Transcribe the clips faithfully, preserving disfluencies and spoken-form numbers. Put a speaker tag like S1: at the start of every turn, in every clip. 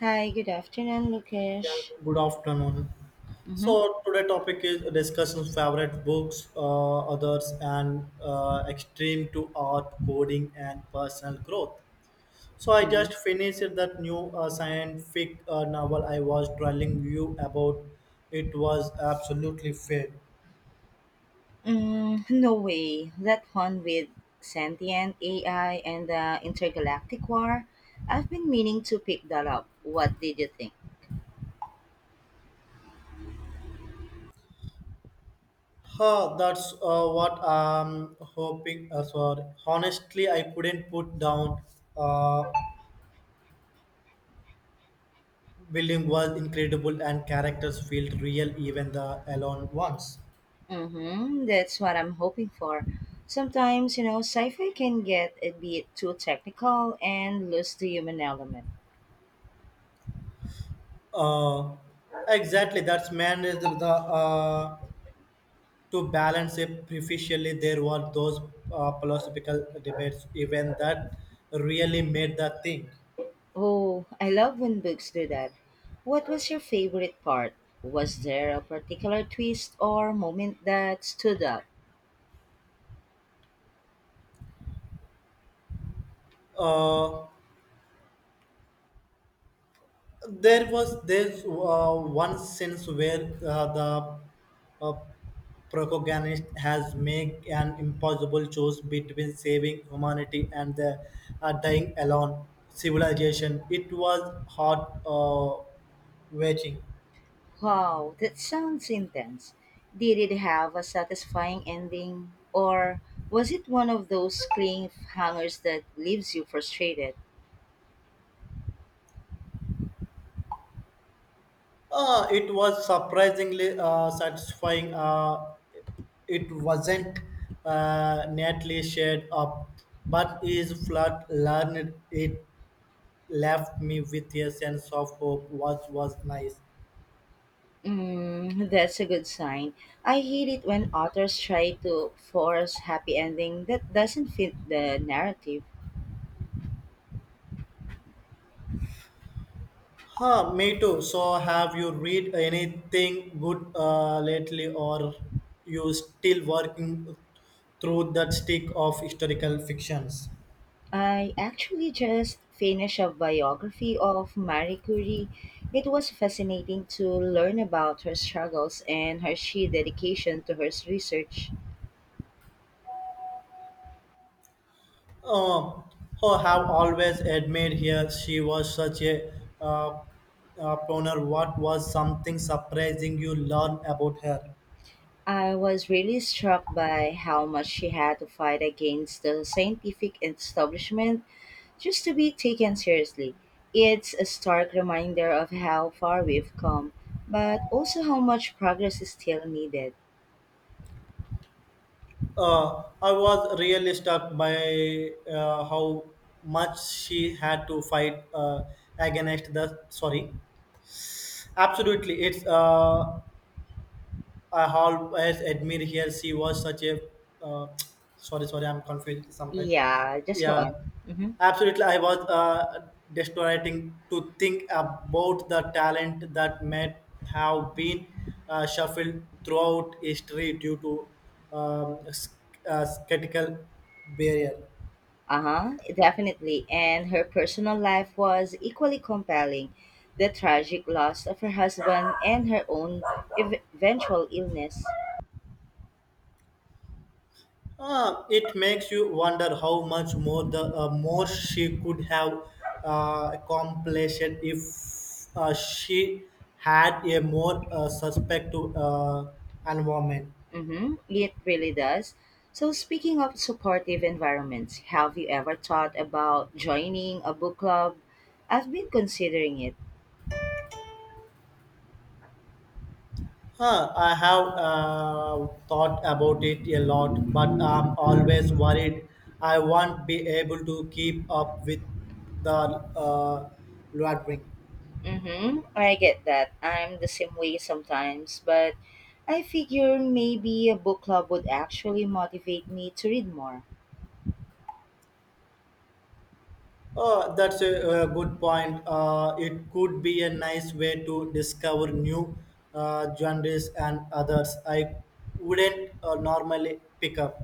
S1: Hi, good afternoon, Lukesh.
S2: Yeah, good afternoon.
S1: Mm-hmm.
S2: So today topic is discussion favorite books, uh, others, and uh, extreme to art, coding, and personal growth. So I
S1: Mm-hmm.
S2: just finished that new uh, scientific uh, novel I was telling you about. It was absolutely fair.
S1: Mm, no way. That one with sentient A I and the intergalactic war. I've been meaning to pick that up. What did you think?
S2: Huh, that's uh, what I'm hoping. Uh, sorry. Honestly, I couldn't put down. Uh, Building was incredible and characters felt real, even the alone ones.
S1: Mm-hmm. That's what I'm hoping for. Sometimes, you know, sci-fi can get a bit too technical and lose the human element.
S2: Uh, exactly, that's managed the uh, to balance it proficiently. There were those uh, philosophical debates even that really made the thing.
S1: Oh, I love when books do that. What was your favorite part? Was there a particular twist or moment that stood out?
S2: Uh, There was this uh, one sense where uh, the uh, protagonist has made an impossible choice between saving humanity and the uh, dying alone civilization. It was hard uh, watching.
S1: Wow, that sounds intense. Did it have a satisfying ending? Or was it one of those cliffhangers that leaves you frustrated?
S2: Uh, it was surprisingly uh, satisfying. Uh, it wasn't uh, neatly shared up, but is flat learned it left me with a sense of hope, which was nice.
S1: Mm, that's a good sign. I hate it when authors try to force happy ending that doesn't fit the narrative.
S2: Huh, me too. So, have you read anything good uh, lately, or you still working through that stick of historical fictions?
S1: I actually just finished a biography of Marie Curie. It was fascinating to learn about her struggles and her sheer dedication to her research.
S2: Oh, oh, have always admired here. She was such a uh, uh, pioneer. What was something surprising you learned about her?
S1: I was really struck by how much she had to fight against the scientific establishment just to be taken seriously. It's a stark reminder of how far we've come, but also how much progress is still needed.
S2: uh, I was really struck by uh, how much she had to fight uh, against the sorry. Absolutely, it's uh, I always admire her. She was such a uh, sorry, sorry, I'm confused sometimes.
S1: Yeah, just go on.
S2: Yeah,
S1: Mm-hmm.
S2: absolutely. I was uh, desolating to think about the talent that may have been uh, shuffled throughout history due to um, s- uh, skeptical barrier.
S1: Uh huh, definitely. And her personal life was equally compelling. The tragic loss of her husband and her own ev- eventual illness.
S2: Uh, it makes you wonder how much more the uh, more she could have uh, accomplished if uh, she had a more uh, suspective uh, environment.
S1: Mm-hmm. It really does. So, speaking of supportive environments, have you ever thought about joining a book club? I've been considering it.
S2: Huh, I have uh, thought about it a lot, but I'm always worried I won't be able to keep up with the uh, luring.
S1: Mm-hmm. I get that. I'm the same way sometimes, but I figure maybe a book club would actually motivate me to read more.
S2: Uh, that's a uh good point. Uh, it could be a nice way to discover new uh, genres and others I wouldn't uh, normally pick up.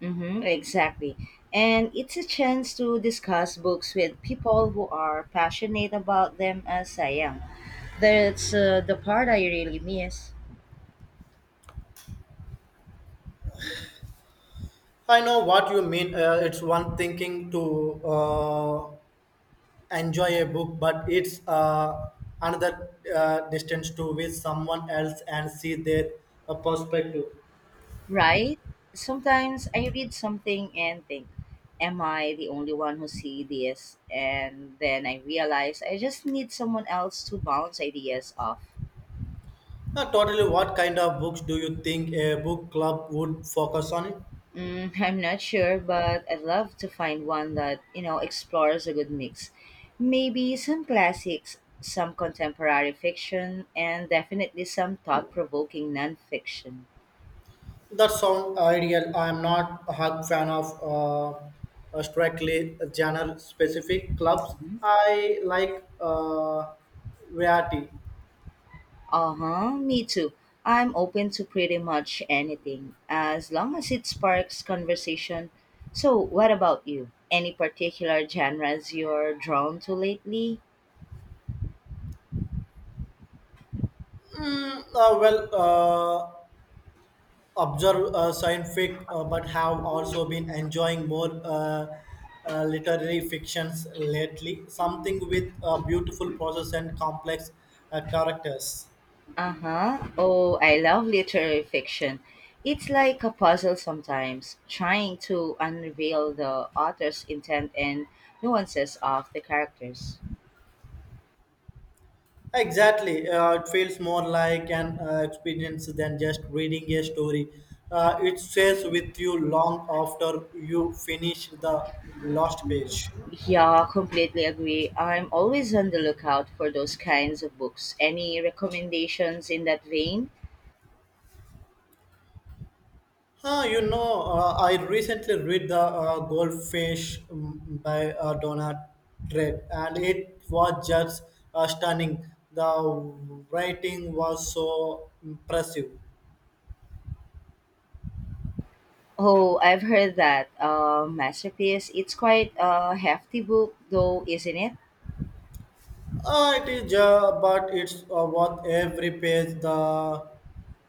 S1: Mm-hmm. Exactly. And it's a chance to discuss books with people who are passionate about them as I am. That's uh, the part I really miss.
S2: I know what you mean. Uh, it's one thinking to uh, enjoy a book, but it's uh, another uh, distance to with someone else and see their uh, perspective.
S1: Right? Sometimes I read something and think, am I the only one who see this? And then I realize I just need someone else to bounce ideas off.
S2: Uh, totally, what kind of books do you think a book club would focus on?
S1: Mm, I'm not sure, but I'd love to find one that, you know, explores a good mix. Maybe some classics, some contemporary fiction, and definitely some thought-provoking nonfiction.
S2: That sound ideal. I am not a hug fan of uh, uh, strictly genre specific clubs. I like uh, variety.
S1: Uh-huh, me too. I'm open to pretty much anything as long as it sparks conversation. So, what about you? Any particular genres you're drawn to lately?
S2: Mm, uh, well, uh, observe uh, scientific, uh, but have also been enjoying more uh, uh, literary fictions lately. Something with a beautiful process and complex uh, characters.
S1: Uh-huh. Oh, I love literary fiction. It's like a puzzle sometimes, trying to unveil the author's intent and nuances of the characters.
S2: Exactly. Uh, it feels more like an uh, experience than just reading a story. Uh, it stays with you long after you finish the last page.
S1: Yeah, completely agree. I'm always on the lookout for those kinds of books. Any recommendations in that vein?
S2: Huh, you know, uh, I recently read The uh, Goldfish mm, by uh, Donna Tread, and it was just uh, stunning. The writing was so impressive.
S1: Oh, I've heard that. Uh, masterpiece. It's quite a hefty book, though, isn't it?
S2: Uh, it is, uh, but it's uh, worth every page. The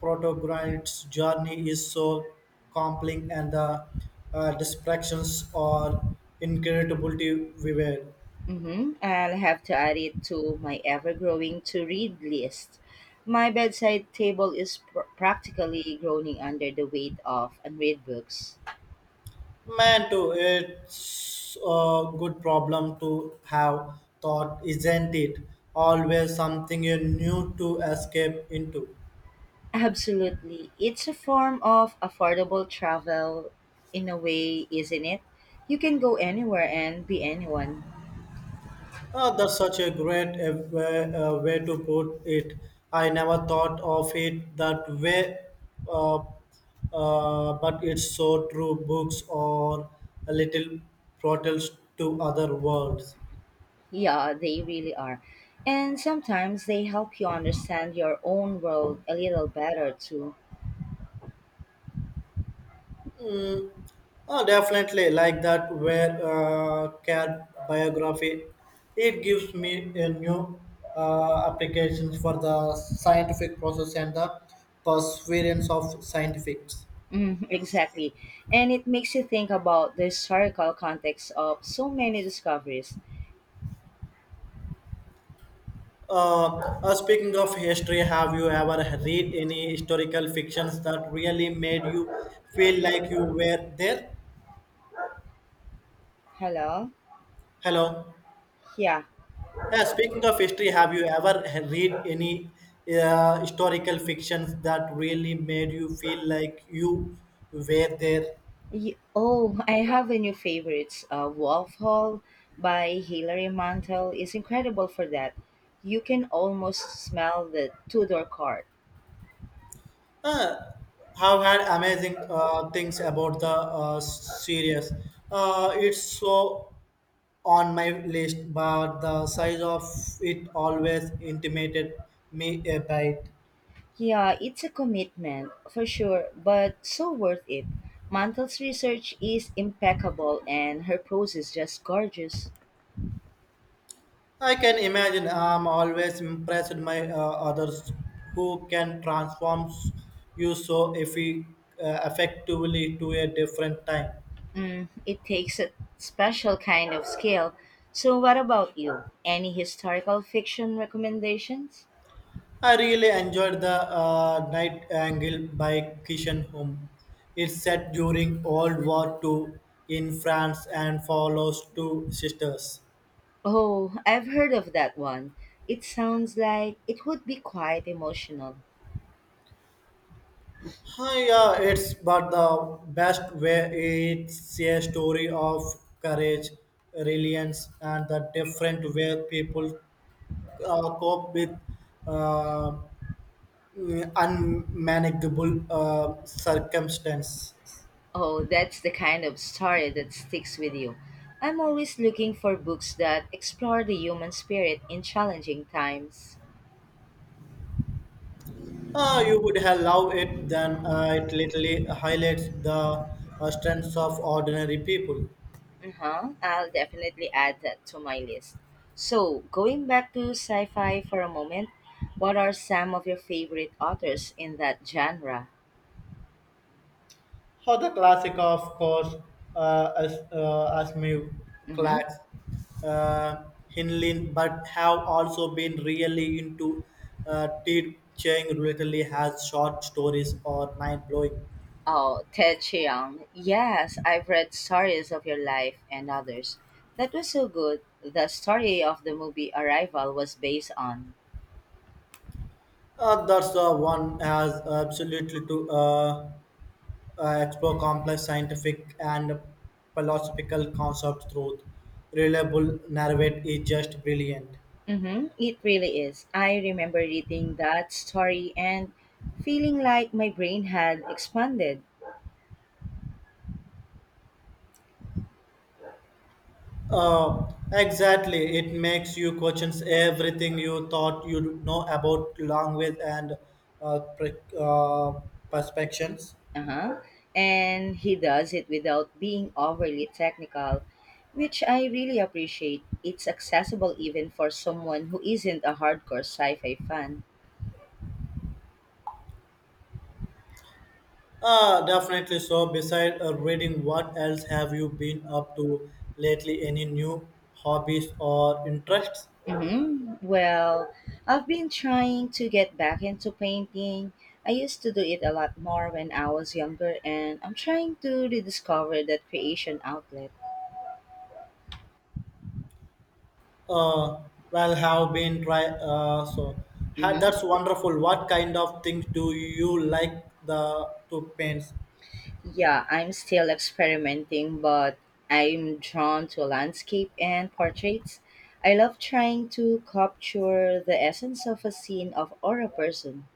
S2: protagonist's journey is so compelling, and the uh, distractions are incredibly vivid.
S1: Mm-hmm. I'll have to add it to my ever-growing to-read list. My bedside table is pr- practically groaning under the weight of unread books.
S2: Man, too, it's a good problem to have thought, isn't it? Always something you new to escape into.
S1: Absolutely. It's a form of affordable travel in a way, isn't it? You can go anywhere and be anyone.
S2: Ah, that's such a great uh, way, uh, way to put it. I never thought of it that way, uh, uh, but it's so true. Books are a little portals to other worlds.
S1: Yeah, they really are. And sometimes they help you understand your own world a little better too.
S2: Mm, ah, definitely, like that where uh, care biography. It gives me a new uh, applications for the scientific process and the perseverance of scientifics.
S1: Mm, exactly. And it makes you think about the historical context of so many discoveries.
S2: Uh, uh, speaking of history, have you ever read any historical fictions that really made you feel like you were there?
S1: Hello?
S2: Hello.
S1: Yeah.
S2: Yeah, speaking of history, have you ever read any uh, historical fictions that really made you feel like you were there?
S1: Y- oh, I have a new favorite. Uh, Wolf Hall by Hilary Mantel is incredible for that. You can almost smell the Tudor card.
S2: Uh, have had amazing uh, things about the uh, series. Uh, it's so on my list, but the size of it always intimidated me a bit.
S1: Yeah, it's a commitment for sure, but so worth it. Mantel's research is impeccable and her prose is just gorgeous.
S2: I can imagine I'm always impressed by uh, others who can transform you so effi- uh, effectively to a different time.
S1: Mm, it takes a special kind of skill. So, what about you? Any historical fiction recommendations?
S2: I really enjoyed the uh, Night Angle by Kishan Home. It's set during World War Two in France and follows two sisters.
S1: Oh, I've heard of that one. It sounds like it would be quite emotional.
S2: Hi, yeah, it's but the best way it's a story of courage, resilience, and the different way people uh, cope with uh, unmanageable uh, circumstance.
S1: Oh, that's the kind of story that sticks with you. I'm always looking for books that explore the human spirit in challenging times.
S2: Uh, you would have loved it, then uh, it literally highlights the uh, strengths of ordinary people.
S1: Uh-huh. I'll definitely add that to my list. So, going back to sci fi for a moment, what are some of your favorite authors in that genre?
S2: Oh, the classic, of course, uh, as uh, Asmew
S1: Mm-hmm.
S2: Clark's uh, Hinlin, but have also been really into uh, T. Chang lately has short stories or mind blowing.
S1: Oh, Ted Chiang. Yes, I've read Stories of Your Life and others. That was so good. The story of the movie Arrival was based on.
S2: Uh, that's the one has absolutely to uh, uh, explore complex scientific and philosophical concepts through reliable narrative is just brilliant.
S1: Mm-hmm. It really is. I remember reading that story and feeling like my brain had expanded.
S2: Uh, exactly. It makes you question everything you thought you know about language and uh, pre- uh, perspectives.
S1: Uh-huh. And he does it without being overly technical, which I really appreciate. It's accessible even for someone who isn't a hardcore sci-fi fan.
S2: Uh, definitely. So, beside uh, reading, what else have you been up to lately? Any new hobbies or interests?
S1: Mm-hmm. Well, I've been trying to get back into painting. I used to do it a lot more when I was younger, and I'm trying to rediscover that creation outlet.
S2: Uh, well, have been try. Uh, so, ha-
S1: Mm-hmm.
S2: that's wonderful. What kind of things do you like the to paint?
S1: Yeah, I'm still experimenting, but I'm drawn to landscape and portraits. I love trying to capture the essence of a scene of or a person.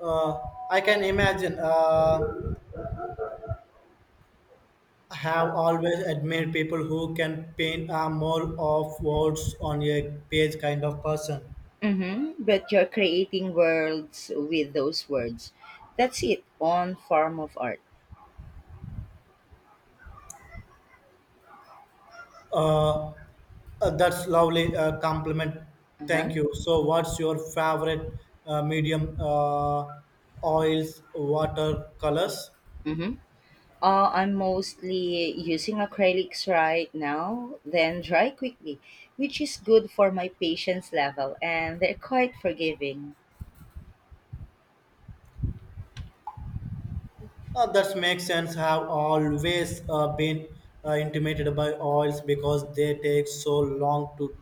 S2: Uh, I can imagine. Uh, have always admired people who can paint a more of words on a page kind of person.
S1: Mm-hmm. But you're creating worlds with those words. That's it on form of art.
S2: Uh, uh, that's lovely uh, compliment.
S1: Uh-huh.
S2: Thank you. So, what's your favorite uh, medium? Uh, oils, water, colors.
S1: Mm-hmm. Uh, I'm mostly using acrylics right now, then dry quickly, which is good for my patience level, and they're quite forgiving.
S2: Uh, that makes sense. Have always uh, been uh, intimidated by oils because they take so long to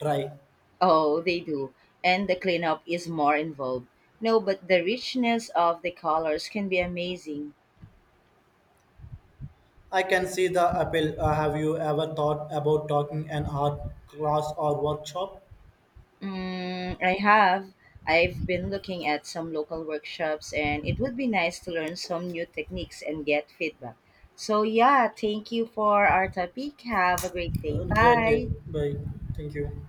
S2: dry.
S1: Oh, they do. And the cleanup is more involved. No, but the richness of the colors can be amazing.
S2: I can see the appeal. Uh, have you ever thought about taking an art class or workshop?
S1: Mm, I have. I've been looking at some local workshops, and it would be nice to learn some new techniques and get feedback. So, yeah, thank you for our topic. Have a great day.
S2: Uh, great day.
S1: Bye.
S2: Bye. Thank you.